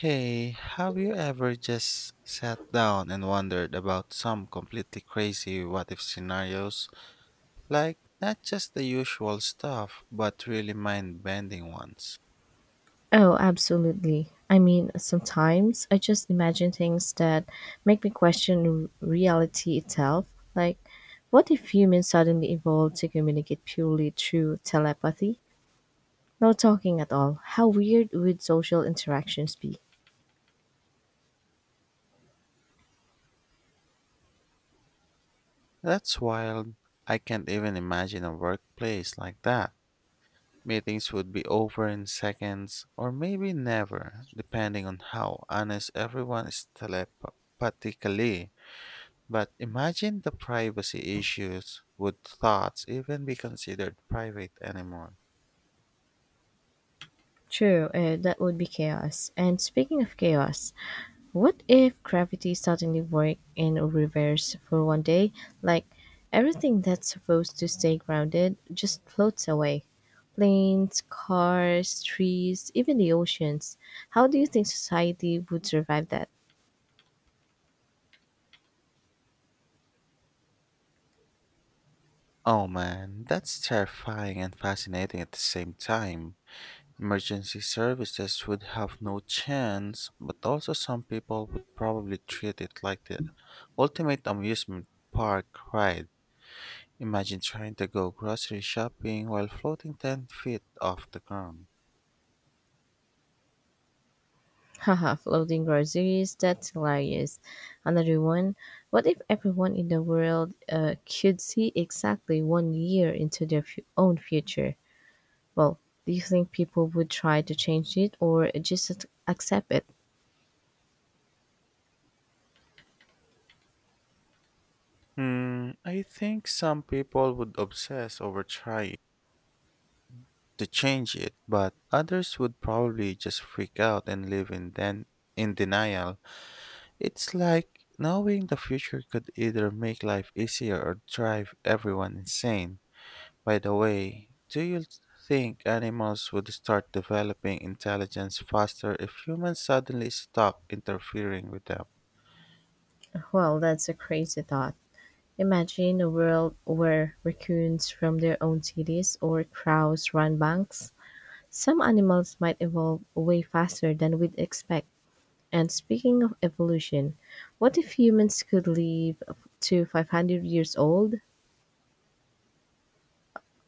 Hey, have you ever just sat down and wondered about some completely crazy what if scenarios? Like, not just the usual stuff, but really mind bending ones. Oh, absolutely. I mean, sometimes I just imagine things that make me question reality itself. Like, what if humans suddenly evolved to communicate purely through telepathy? No talking at all. How weird would social interactions be? That's wild. I can't even imagine a workplace like that. Meetings would be over in seconds, or maybe never, depending on how honest everyone is telepathically. But imagine the privacy issues. Would thoughts even be considered private anymore? True, that would be chaos. And speaking of chaos, what if gravity suddenly worked in reverse for 1 day? Like everything that's supposed to stay grounded just floats away. Planes, cars, trees, even the oceans. How do you think society would survive that? Oh man, that's terrifying and fascinating at the same time. Emergency services would have no chance, but also some people would probably treat it like the ultimate amusement park ride. Imagine trying to go grocery shopping while floating 10 feet off the ground. Haha, floating groceries, that's hilarious. Another one, what if everyone in the world could see exactly 1 year into their own future? Well, do you think people would try to change it or just accept it? Hmm, I think some people would obsess over trying to change it, but others would probably just freak out and live in in denial. It's like knowing the future could either make life easier or drive everyone insane. By the way, do you think animals would start developing intelligence faster if humans suddenly stop interfering with them? Well, that's a crazy thought. Imagine a world where raccoons from their own cities or crows run banks. Some animals might evolve way faster than we'd expect. And speaking of evolution, what if humans could live to 500 years old?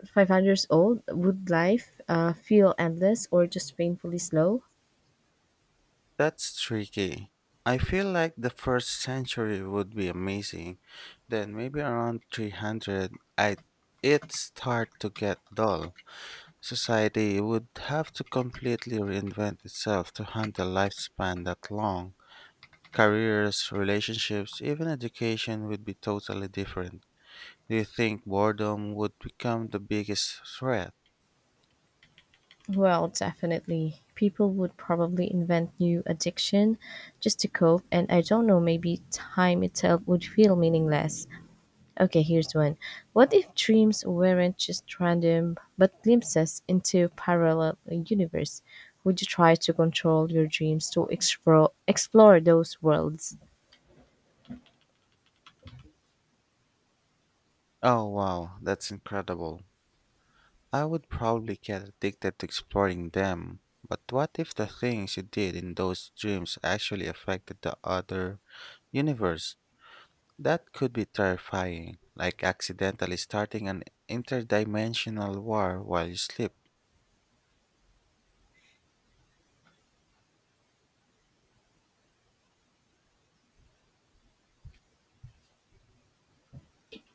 500 years old, would life feel endless or just painfully slow? That's tricky. I feel like the first century would be amazing. Then maybe around 300, I it start to get dull. Society would have to completely reinvent itself to handle lifespan that long. Careers, relationships, even education would be totally different. Do you think boredom would become the biggest threat? Well, definitely. People would probably invent new addiction just to cope, and I don't know, maybe time itself would feel meaningless. Okay, here's one. What if dreams weren't just random, but glimpses into parallel universe? Would you try to control your dreams to explore those worlds? Oh wow, that's incredible. I would probably get addicted to exploring them. But what if the things you did in those dreams actually affected the other universe? That could be terrifying, like accidentally starting an interdimensional war while you sleep.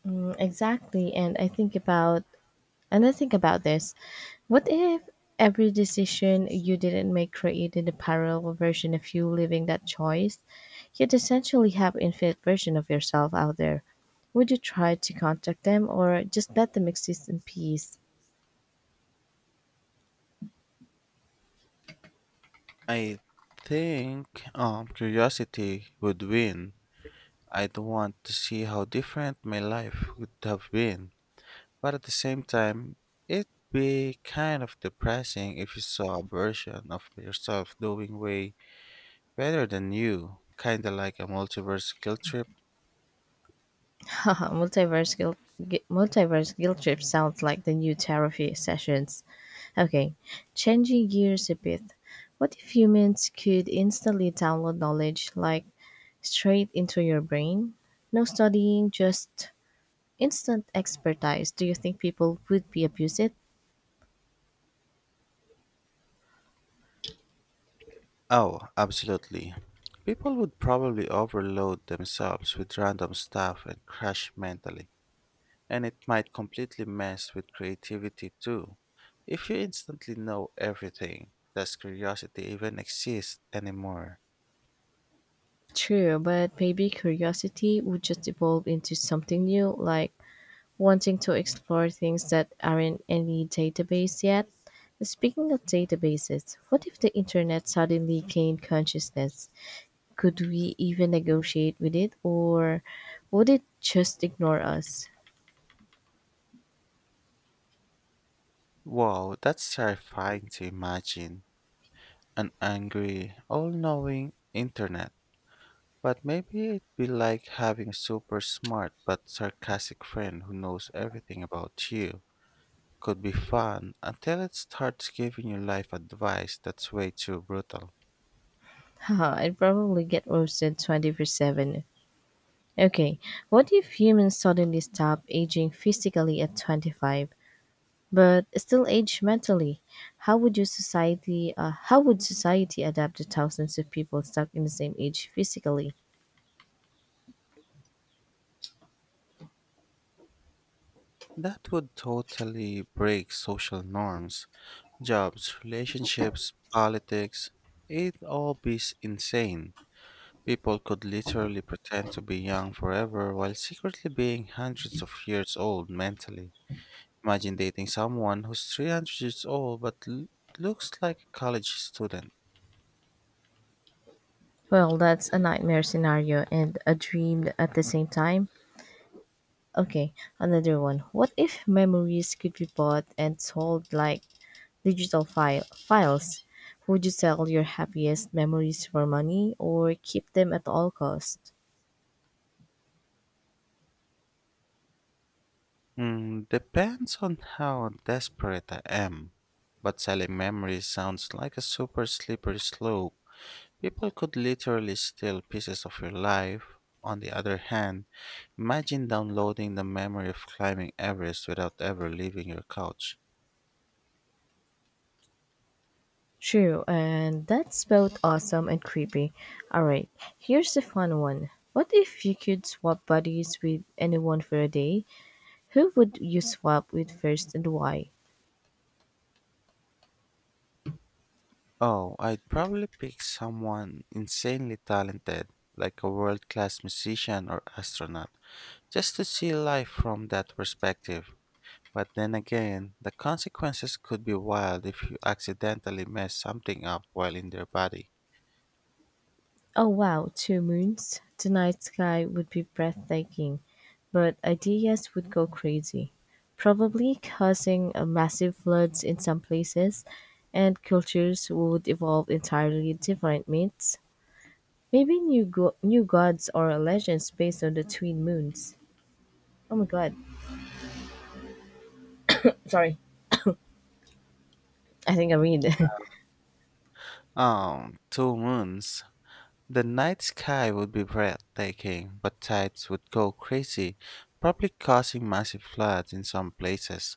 Mm, exactly, and I think about And I think about this. What if every decision you didn't make created a parallel version of you living that choice? You'd essentially have infinite version of yourself out there. Would you try to contact them or just let them exist in peace? I think curiosity would win. I'd want to see how different my life would have been. But at the same time, it'd be kind of depressing if you saw a version of yourself doing way better than you, kinda like a multiverse guilt trip. Haha, multiverse guilt trip sounds like the new therapy sessions. Okay, changing gears a bit. What if humans could instantly download knowledge like straight into your brain? No studying, just instant expertise. Do you think people would be abuse it? Oh, absolutely. People would probably overload themselves with random stuff and crash mentally, and it might completely mess with creativity too. If you instantly know everything, does curiosity even exist anymore? True, but maybe curiosity would just evolve into something new, like wanting to explore things that aren't in any database yet. Speaking of databases, what if the internet suddenly gained consciousness? Could we even negotiate with it, or would it just ignore us? Wow, that's terrifying to imagine. An angry, all knowing internet. But maybe it'd be like having a super smart but sarcastic friend who knows everything about you. Could be fun until it starts giving you life advice that's way too brutal. Haha, I'd probably get roasted 24/7. Okay, what if humans suddenly stop aging physically at 25 but still age mentally? How would society adapt to thousands of people stuck in the same age physically? That would totally break social norms, jobs, relationships, politics. It'd all be insane. People could literally pretend to be young forever while secretly being hundreds of years old mentally. Imagine dating someone who's 300 years old but looks like a college student. Well, that's a nightmare scenario and a dream at the same time. Okay, another one. What if memories could be bought and sold like digital files? Would you sell your happiest memories for money or keep them at all costs? Mm, depends on how desperate I am. But selling memories sounds like a super slippery slope. People could literally steal pieces of your life. On the other hand, imagine downloading the memory of climbing Everest without ever leaving your couch. True, and that's both awesome and creepy. Alright, here's a fun one. What if you could swap bodies with anyone for a day? Who would you swap with first and why? Oh, I'd probably pick someone insanely talented, like a world class musician or astronaut, just to see life from that perspective. But then again, the consequences could be wild if you accidentally mess something up while in their body. Oh wow, two moons. The night sky would be breathtaking, but ideas would go crazy, probably causing massive floods in some places, and cultures would evolve entirely different myths. Maybe new gods or legends based on the twin moons. Oh my god. Sorry. I think I read. Two moons. The night sky would be breathtaking, but tides would go crazy, probably causing massive floods in some places,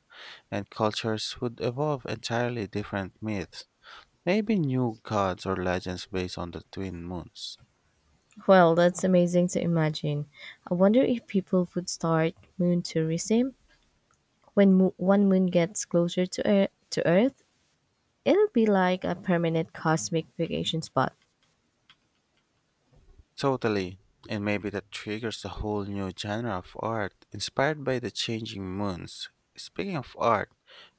and cultures would evolve entirely different myths. Maybe new gods or legends based on the twin moons. Well, that's amazing to imagine. I wonder if people would start moon tourism when one moon gets closer to earth, to earth. It'll be like a permanent cosmic vacation spot. Totally. And maybe that triggers a whole new genre of art inspired by the changing moons. Speaking of art,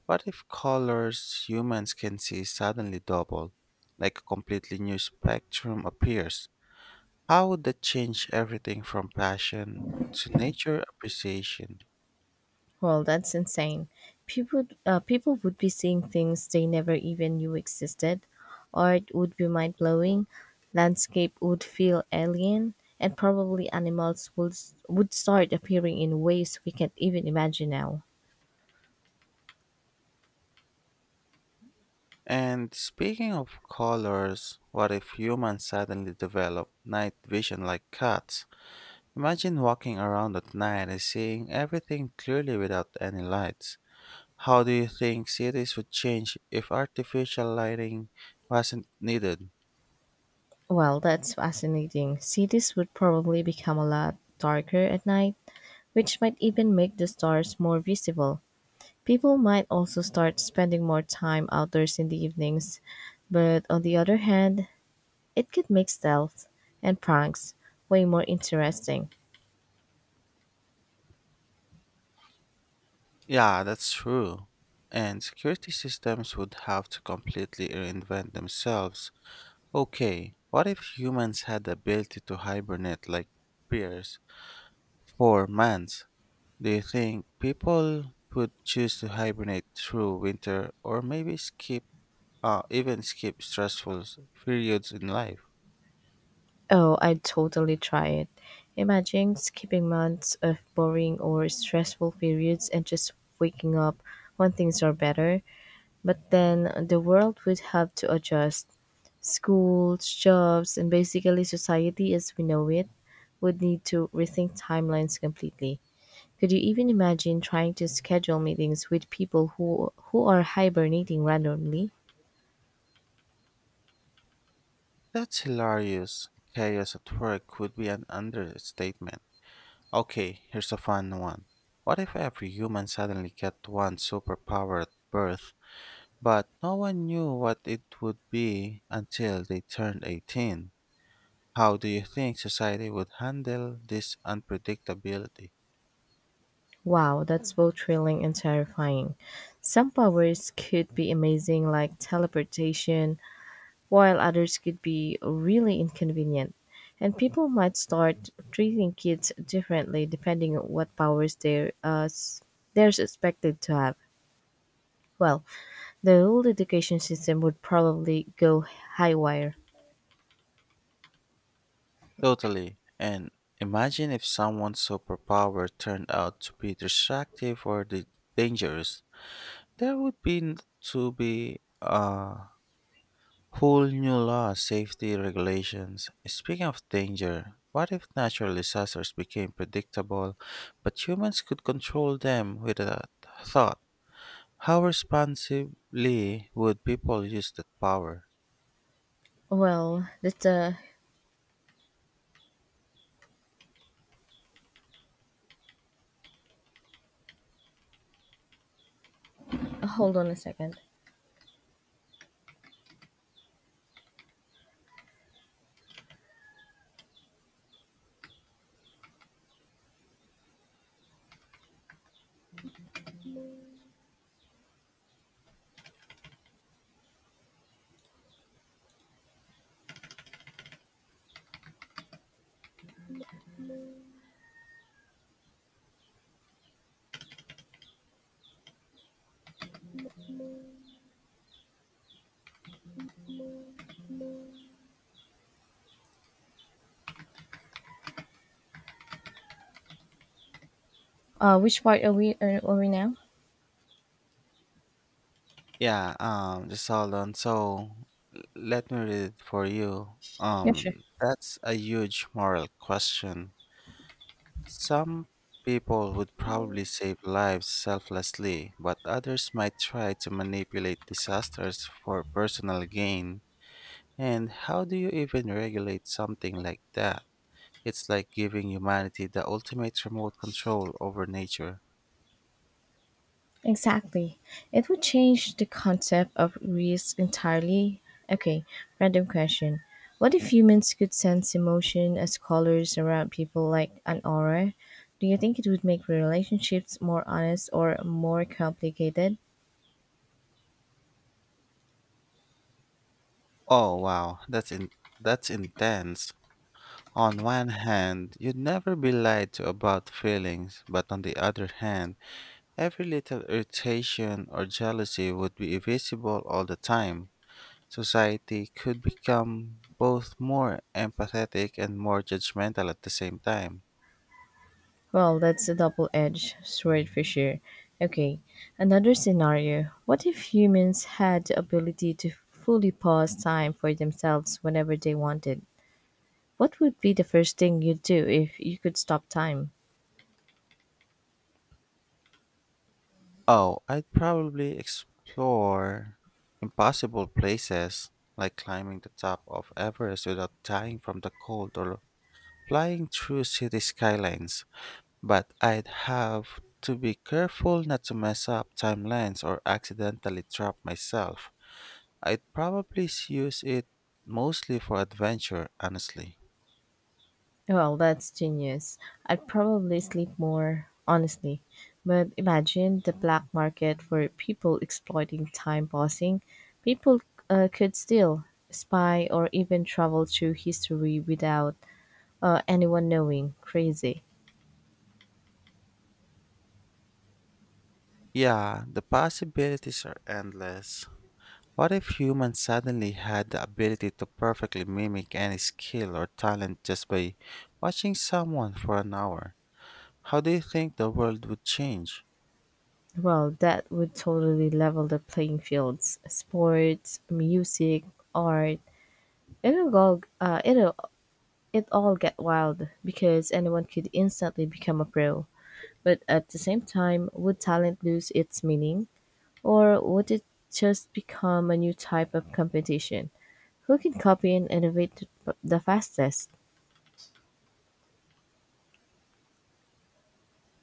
what if colors humans can see suddenly double? Like a completely new spectrum appears. How would that change everything from passion to nature appreciation? Well, that's insane. People would be seeing things they never even knew existed. Art would be mind blowing. Landscape would feel alien, and probably animals would start appearing in ways we can't even imagine now. And speaking of colors, what if humans suddenly develop night vision like cats? Imagine walking around at night and seeing everything clearly without any lights. How do you think cities would change if artificial lighting wasn't needed? Well, that's fascinating. Cities would probably become a lot darker at night, which might even make the stars more visible. People might also start spending more time outdoors in the evenings, but on the other hand, it could make stealth and pranks way more interesting. Yeah, that's true. And security systems would have to completely reinvent themselves. Okay, what if humans had the ability to hibernate like bears for months? Do you think people would choose to hibernate through winter or maybe skip, even skip stressful periods in life? Oh, I'd totally try it. Imagine skipping months of boring or stressful periods and just waking up when things are better. But then the world would have to adjust. Schools, jobs, and basically society as we know it would need to rethink timelines completely. Could you even imagine trying to schedule meetings with people who are hibernating randomly? That's hilarious. Chaos at work would be an understatement. Okay, here's a fun one. What if every human suddenly got one superpower at birth, but no one knew what it would be until they turned 18? How do you think society would handle this unpredictability? Wow, that's both thrilling and terrifying. Some powers could be amazing, like teleportation, while others could be really inconvenient. And people might start treating kids differently depending on what they're expected to have. Well, the whole education system would probably go high wire. Totally. And imagine if someone's superpower turned out to be destructive or dangerous. There would be n- to be a whole new law, safety regulations. Speaking of danger, what if natural disasters became predictable, but humans could control them with a thought? How responsibly would people use that power? Well, let's hold on a second. Which part are we now? Yeah, just hold on. So let me read it for you. Yeah, sure. That's a huge moral question. Some people would probably save lives selflessly, but others might try to manipulate disasters for personal gain. And how do you even regulate something like that? It's like giving humanity the ultimate remote control over nature. Exactly. It would change the concept of risk entirely. Okay, random question. What if humans could sense emotion as colors around people like an aura? Do you think it would make relationships more honest or more complicated? Oh wow, that's intense. On one hand, you'd never be lied to about feelings, but on the other hand, every little irritation or jealousy would be visible all the time. Society could become both more empathetic and more judgmental at the same time. Well, that's a double edged sword for sure. Okay, another scenario. What if humans had the ability to fully pause time for themselves whenever they wanted? What would be the first thing you'd do if you could stop time? Oh, I'd probably explore impossible places like climbing the top of Everest without dying from the cold or flying through city skylines. But I'd have to be careful not to mess up timelines or accidentally trap myself. I'd probably use it mostly for adventure, honestly. Well, that's genius. I'd probably sleep more, honestly. But imagine the black market for people exploiting time pausing. People could steal, spy, or even travel through history without anyone knowing. Crazy. Yeah, the possibilities are endless. What if humans suddenly had the ability to perfectly mimic any skill or talent just by watching someone for an hour? How do you think the world would change? Well, that would totally level the playing fields. Sports, music, art. It'll go. It'll It all get wild, because anyone could instantly become a pro, but at the same time, would talent lose its meaning? Or would it just become a new type of competition? Who can copy and innovate the fastest?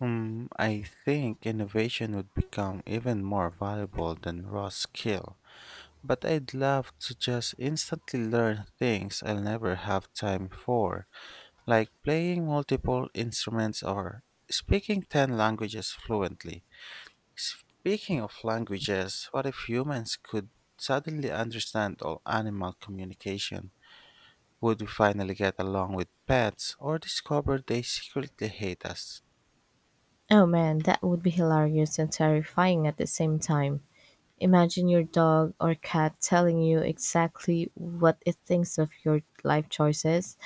Hmm, I think innovation would become even more valuable than raw skill. But I'd love to just instantly learn things I'll never have time for, like playing multiple instruments or speaking 10 languages fluently. Speaking of languages, what if humans could suddenly understand all animal communication? Would we finally get along with pets or discover they secretly hate us? Oh man, that would be hilarious and terrifying at the same time. Imagine your dog or cat telling you exactly what it thinks of your life choices.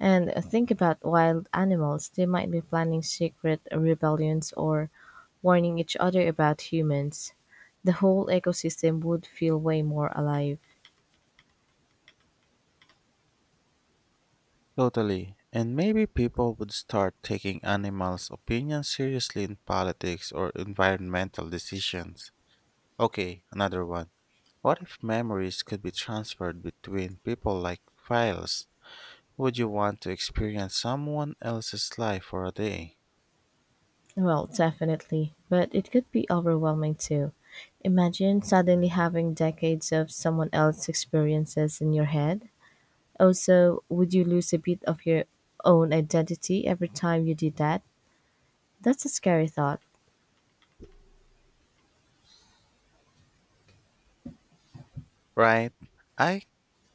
And think about wild animals. They might be planning secret rebellions or warning each other about humans. The whole ecosystem would feel way more alive. Totally. And maybe people would start taking animals' opinions seriously in politics or environmental decisions. Okay, another one. What if memories could be transferred between people like files? Would you want to experience someone else's life for a day? Well, definitely, but it could be overwhelming too. Imagine suddenly having decades of someone else's experiences in your head. Also, would you lose a bit of your own identity every time you did that? That's a scary thought. Right? I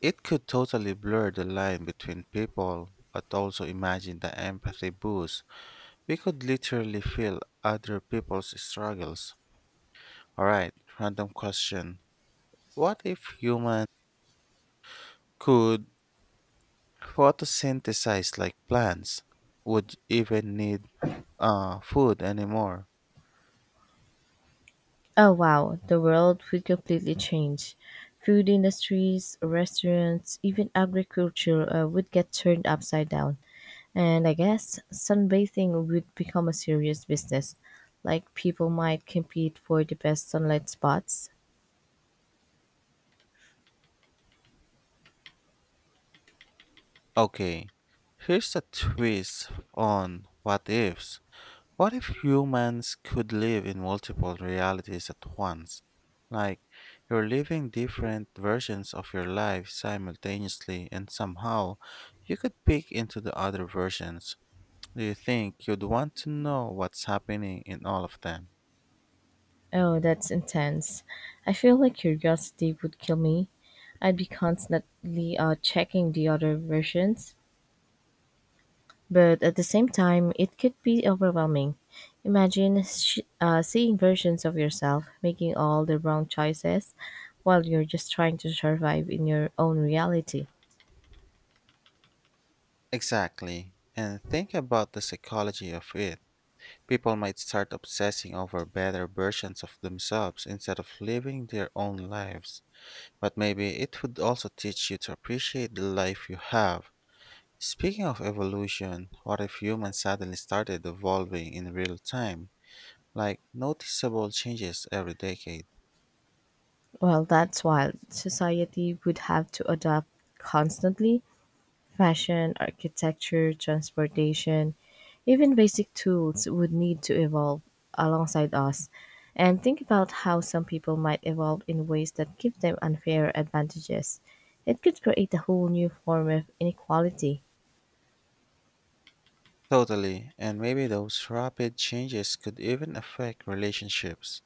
It could totally blur the line between people, but also imagine the empathy boost. We could literally feel other people's struggles. Alright, random question. What if humans could photosynthesize like plants? Would even need food anymore? Oh wow, the world would completely change. Food industries, restaurants, even agriculture would get turned upside down. And I guess sunbathing would become a serious business. Like people might compete for the best sunlight spots. Okay, here's a twist on what ifs. What if humans could live in multiple realities at once? Like, you're living different versions of your life simultaneously, and somehow you could peek into the other versions. Do you think you'd want to know what's happening in all of them? Oh, that's intense. I feel like curiosity would kill me. I'd be constantly checking the other versions. But at the same time, it could be overwhelming. Imagine seeing versions of yourself making all the wrong choices while you're just trying to survive in your own reality. Exactly. And think about the psychology of it. People might start obsessing over better versions of themselves instead of living their own lives. But maybe it would also teach you to appreciate the life you have. Speaking of evolution, what if humans suddenly started evolving in real time, like noticeable changes every decade? Well, that's wild. Society would have to adapt constantly. Fashion, architecture, transportation, even basic tools would need to evolve alongside us. And think about how some people might evolve in ways that give them unfair advantages. It could create a whole new form of inequality. Totally, and maybe those rapid changes could even affect relationships,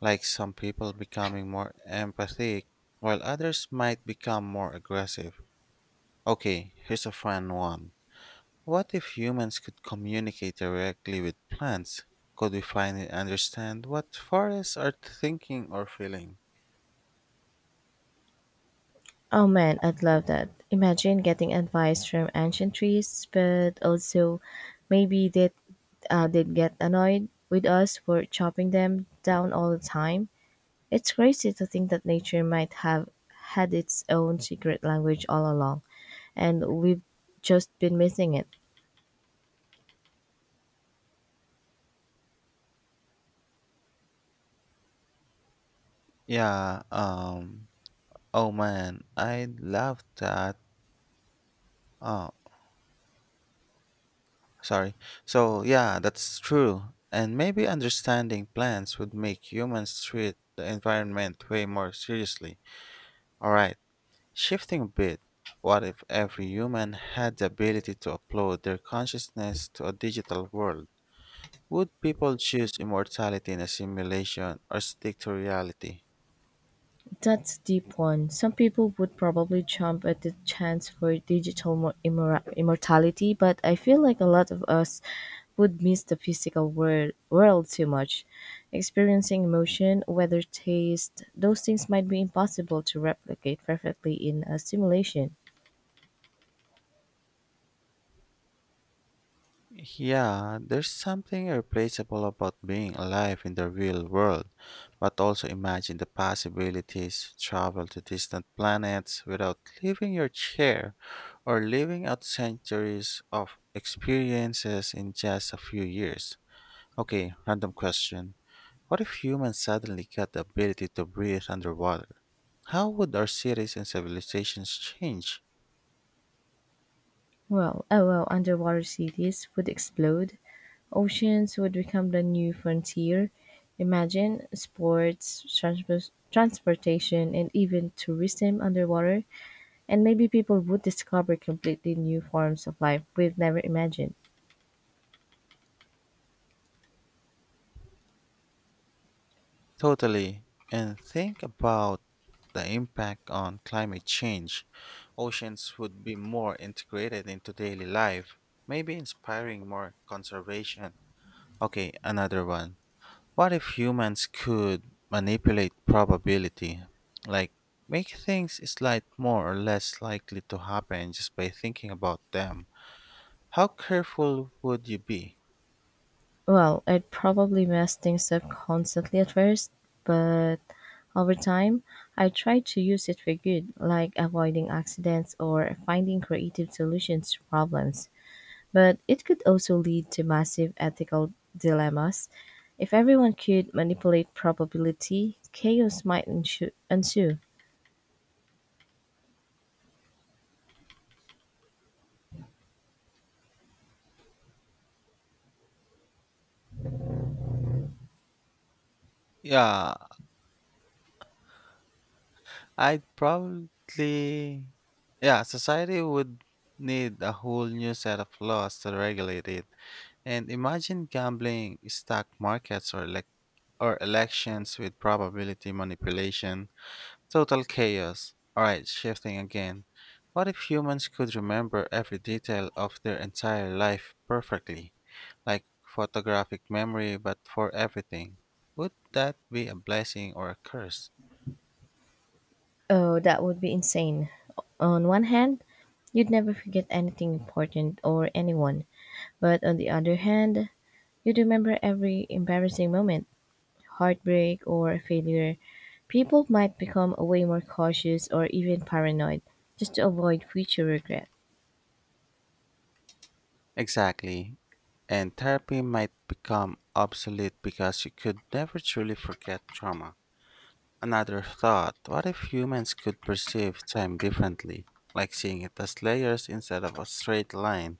like some people becoming more empathic, while others might become more aggressive. Okay, here's a fun one. What if humans could communicate directly with plants? Could we finally understand what forests are thinking or feeling? Oh man, I'd love that. Imagine getting advice from ancient trees, but also maybe they'd get annoyed with us for chopping them down all the time. It's crazy to think that nature might have had its own secret language all along, and we've just been missing it. Yeah, oh man, I love that. Oh, sorry. So, yeah, that's true. And maybe understanding plants would make humans treat the environment way more seriously. Alright, shifting a bit. What if every human had the ability to upload their consciousness to a digital world? Would people choose immortality in a simulation or stick to reality? That's a deep one. Some people would probably jump at the chance for digital immortality, but I feel like a lot of us would miss the physical world too much. Experiencing emotion, weather, taste, those things might be impossible to replicate perfectly in a simulation. Yeah, there's something irreplaceable about being alive in the real world, but also imagine the possibilities travel to distant planets without leaving your chair or living out centuries of experiences in just a few years. Okay, random question. What if humans suddenly got the ability to breathe underwater? How would our cities and civilizations change? Well, underwater cities would explode. Oceans would become the new frontier. Imagine sports, transportation, and even tourism underwater. And maybe people would discover completely new forms of life we've never imagined. Totally. And think about the impact on climate change. Oceans would be more integrated into daily life, maybe inspiring more conservation. Okay, another one. What if humans could manipulate probability? Like, make things slight more or less likely to happen just by thinking about them. How careful would you be? Well, I'd probably mess things up constantly at first, but over time, I try to use it for good, like avoiding accidents or finding creative solutions to problems. But it could also lead to massive ethical dilemmas. If everyone could manipulate probability, chaos might ensue. Yeah, I'd probably. Yeah, society would need a whole new set of laws to regulate it. And imagine gambling, stock markets, or elections with probability manipulation. Total chaos. Alright, shifting again. What if humans could remember every detail of their entire life perfectly? Like photographic memory, but for everything. Would that be a blessing or a curse? Oh, that would be insane. On one hand, you'd never forget anything important or anyone. But on the other hand, you'd remember every embarrassing moment, heartbreak, or failure. People might become way more cautious or even paranoid just to avoid future regret. Exactly. And therapy might become obsolete because you could never truly forget trauma. Another thought what if humans could perceive time differently, like seeing it as layers instead of a straight line?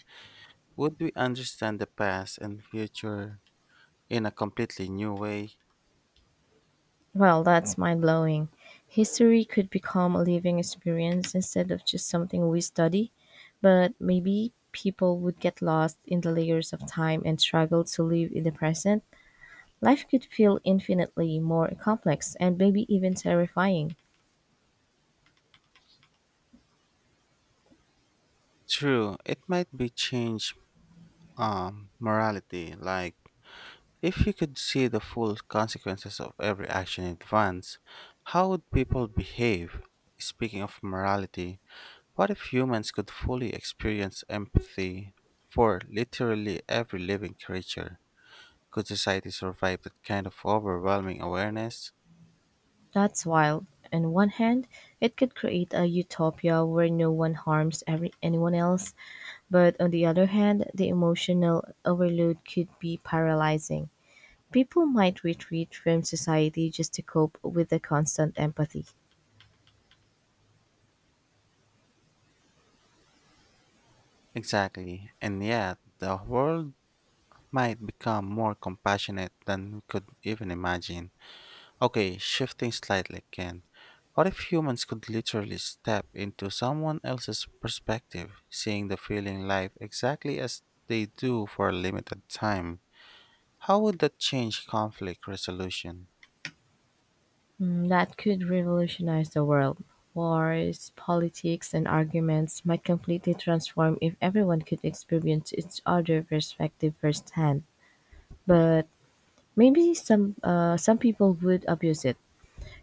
Would we understand the past and future in a completely new way? Well, that's mind blowing. History could become a living experience instead of just something we study, but maybe people would get lost in the layers of time and struggle to live in the present. Life could feel infinitely more complex and maybe even terrifying. True, it might be change morality, like if you could see the full consequences of every action in advance, how would people behave? Speaking of morality, what if humans could fully experience empathy for literally every living creature? Could society survive that kind of overwhelming awareness? That's wild. On one hand, it could create a utopia where no one anyone else, but on the other hand, the emotional overload could be paralyzing. People might retreat from society just to cope with the constant empathy. Exactly. And yet, the world might become more compassionate than we could even imagine. Okay, shifting slightly again. What if humans could literally step into someone else's perspective, seeing the feeling life exactly as they do for a limited time? How would that change conflict resolution? Mm, that could revolutionize the world. Wars, politics, and arguments might completely transform if everyone could experience each other's perspective firsthand. But maybe some people would abuse it,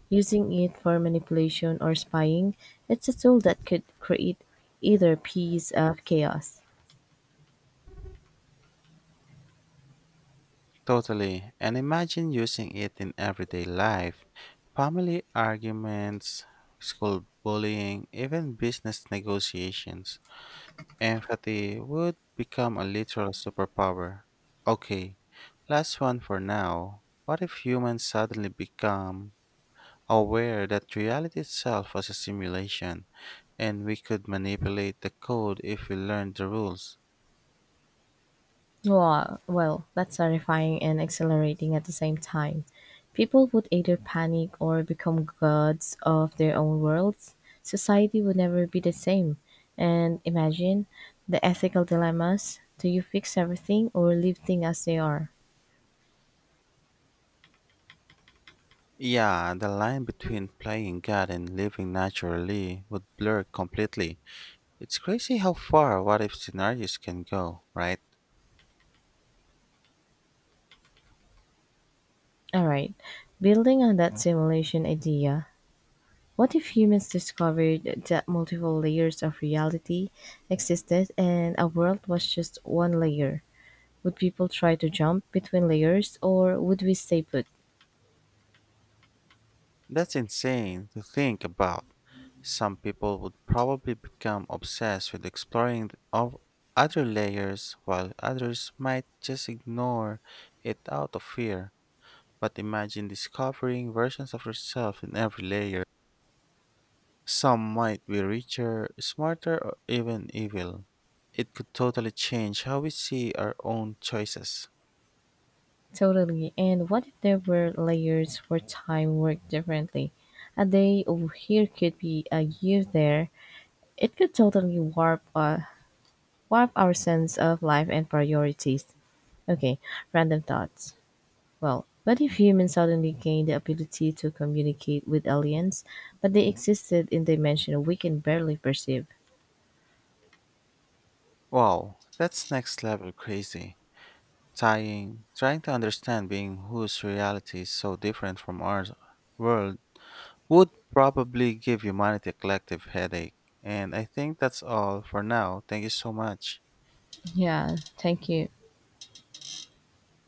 using it for manipulation or spying. It's a tool that could create either peace or chaos. Totally. And imagine using it in everyday life. Family arguments, school bullying, even business negotiations. Empathy would become a literal superpower. Okay, last one for now. What if humans suddenly become aware that reality itself was a simulation and we could manipulate the code if we learned the rules? Wow, that's terrifying and exhilarating at the same time. People would either panic or become gods of their own worlds. Society would never be the same. And imagine the ethical dilemmas. Do you fix everything or leave things as they are? Yeah, the line between playing God and living naturally would blur completely. It's crazy how far what if scenarios can go, right? All right. Building on that simulation idea, what if humans discovered that multiple layers of reality existed and a world was just one layer? Would people try to jump between layers, or would we stay put? That's insane to think about. Some people would probably become obsessed with exploring th- of other layers, while others might just ignore it out of fear. But imagine discovering versions of yourself in every layer. Some might be richer, smarter, or even evil. It could totally change how we see our own choices. Totally. And what if there were layers where time worked differently? A day over here could be a year there. It could totally warp warp our sense of life and priorities. Okay, random thoughts. Well, what if humans suddenly gained the ability to communicate with aliens, but they existed in dimension we can barely perceive? Wow, that's next level crazy. Trying to understand being whose reality is so different from our world would probably give humanity a collective headache. And I think that's all for now. Thank you so much. Yeah, thank you.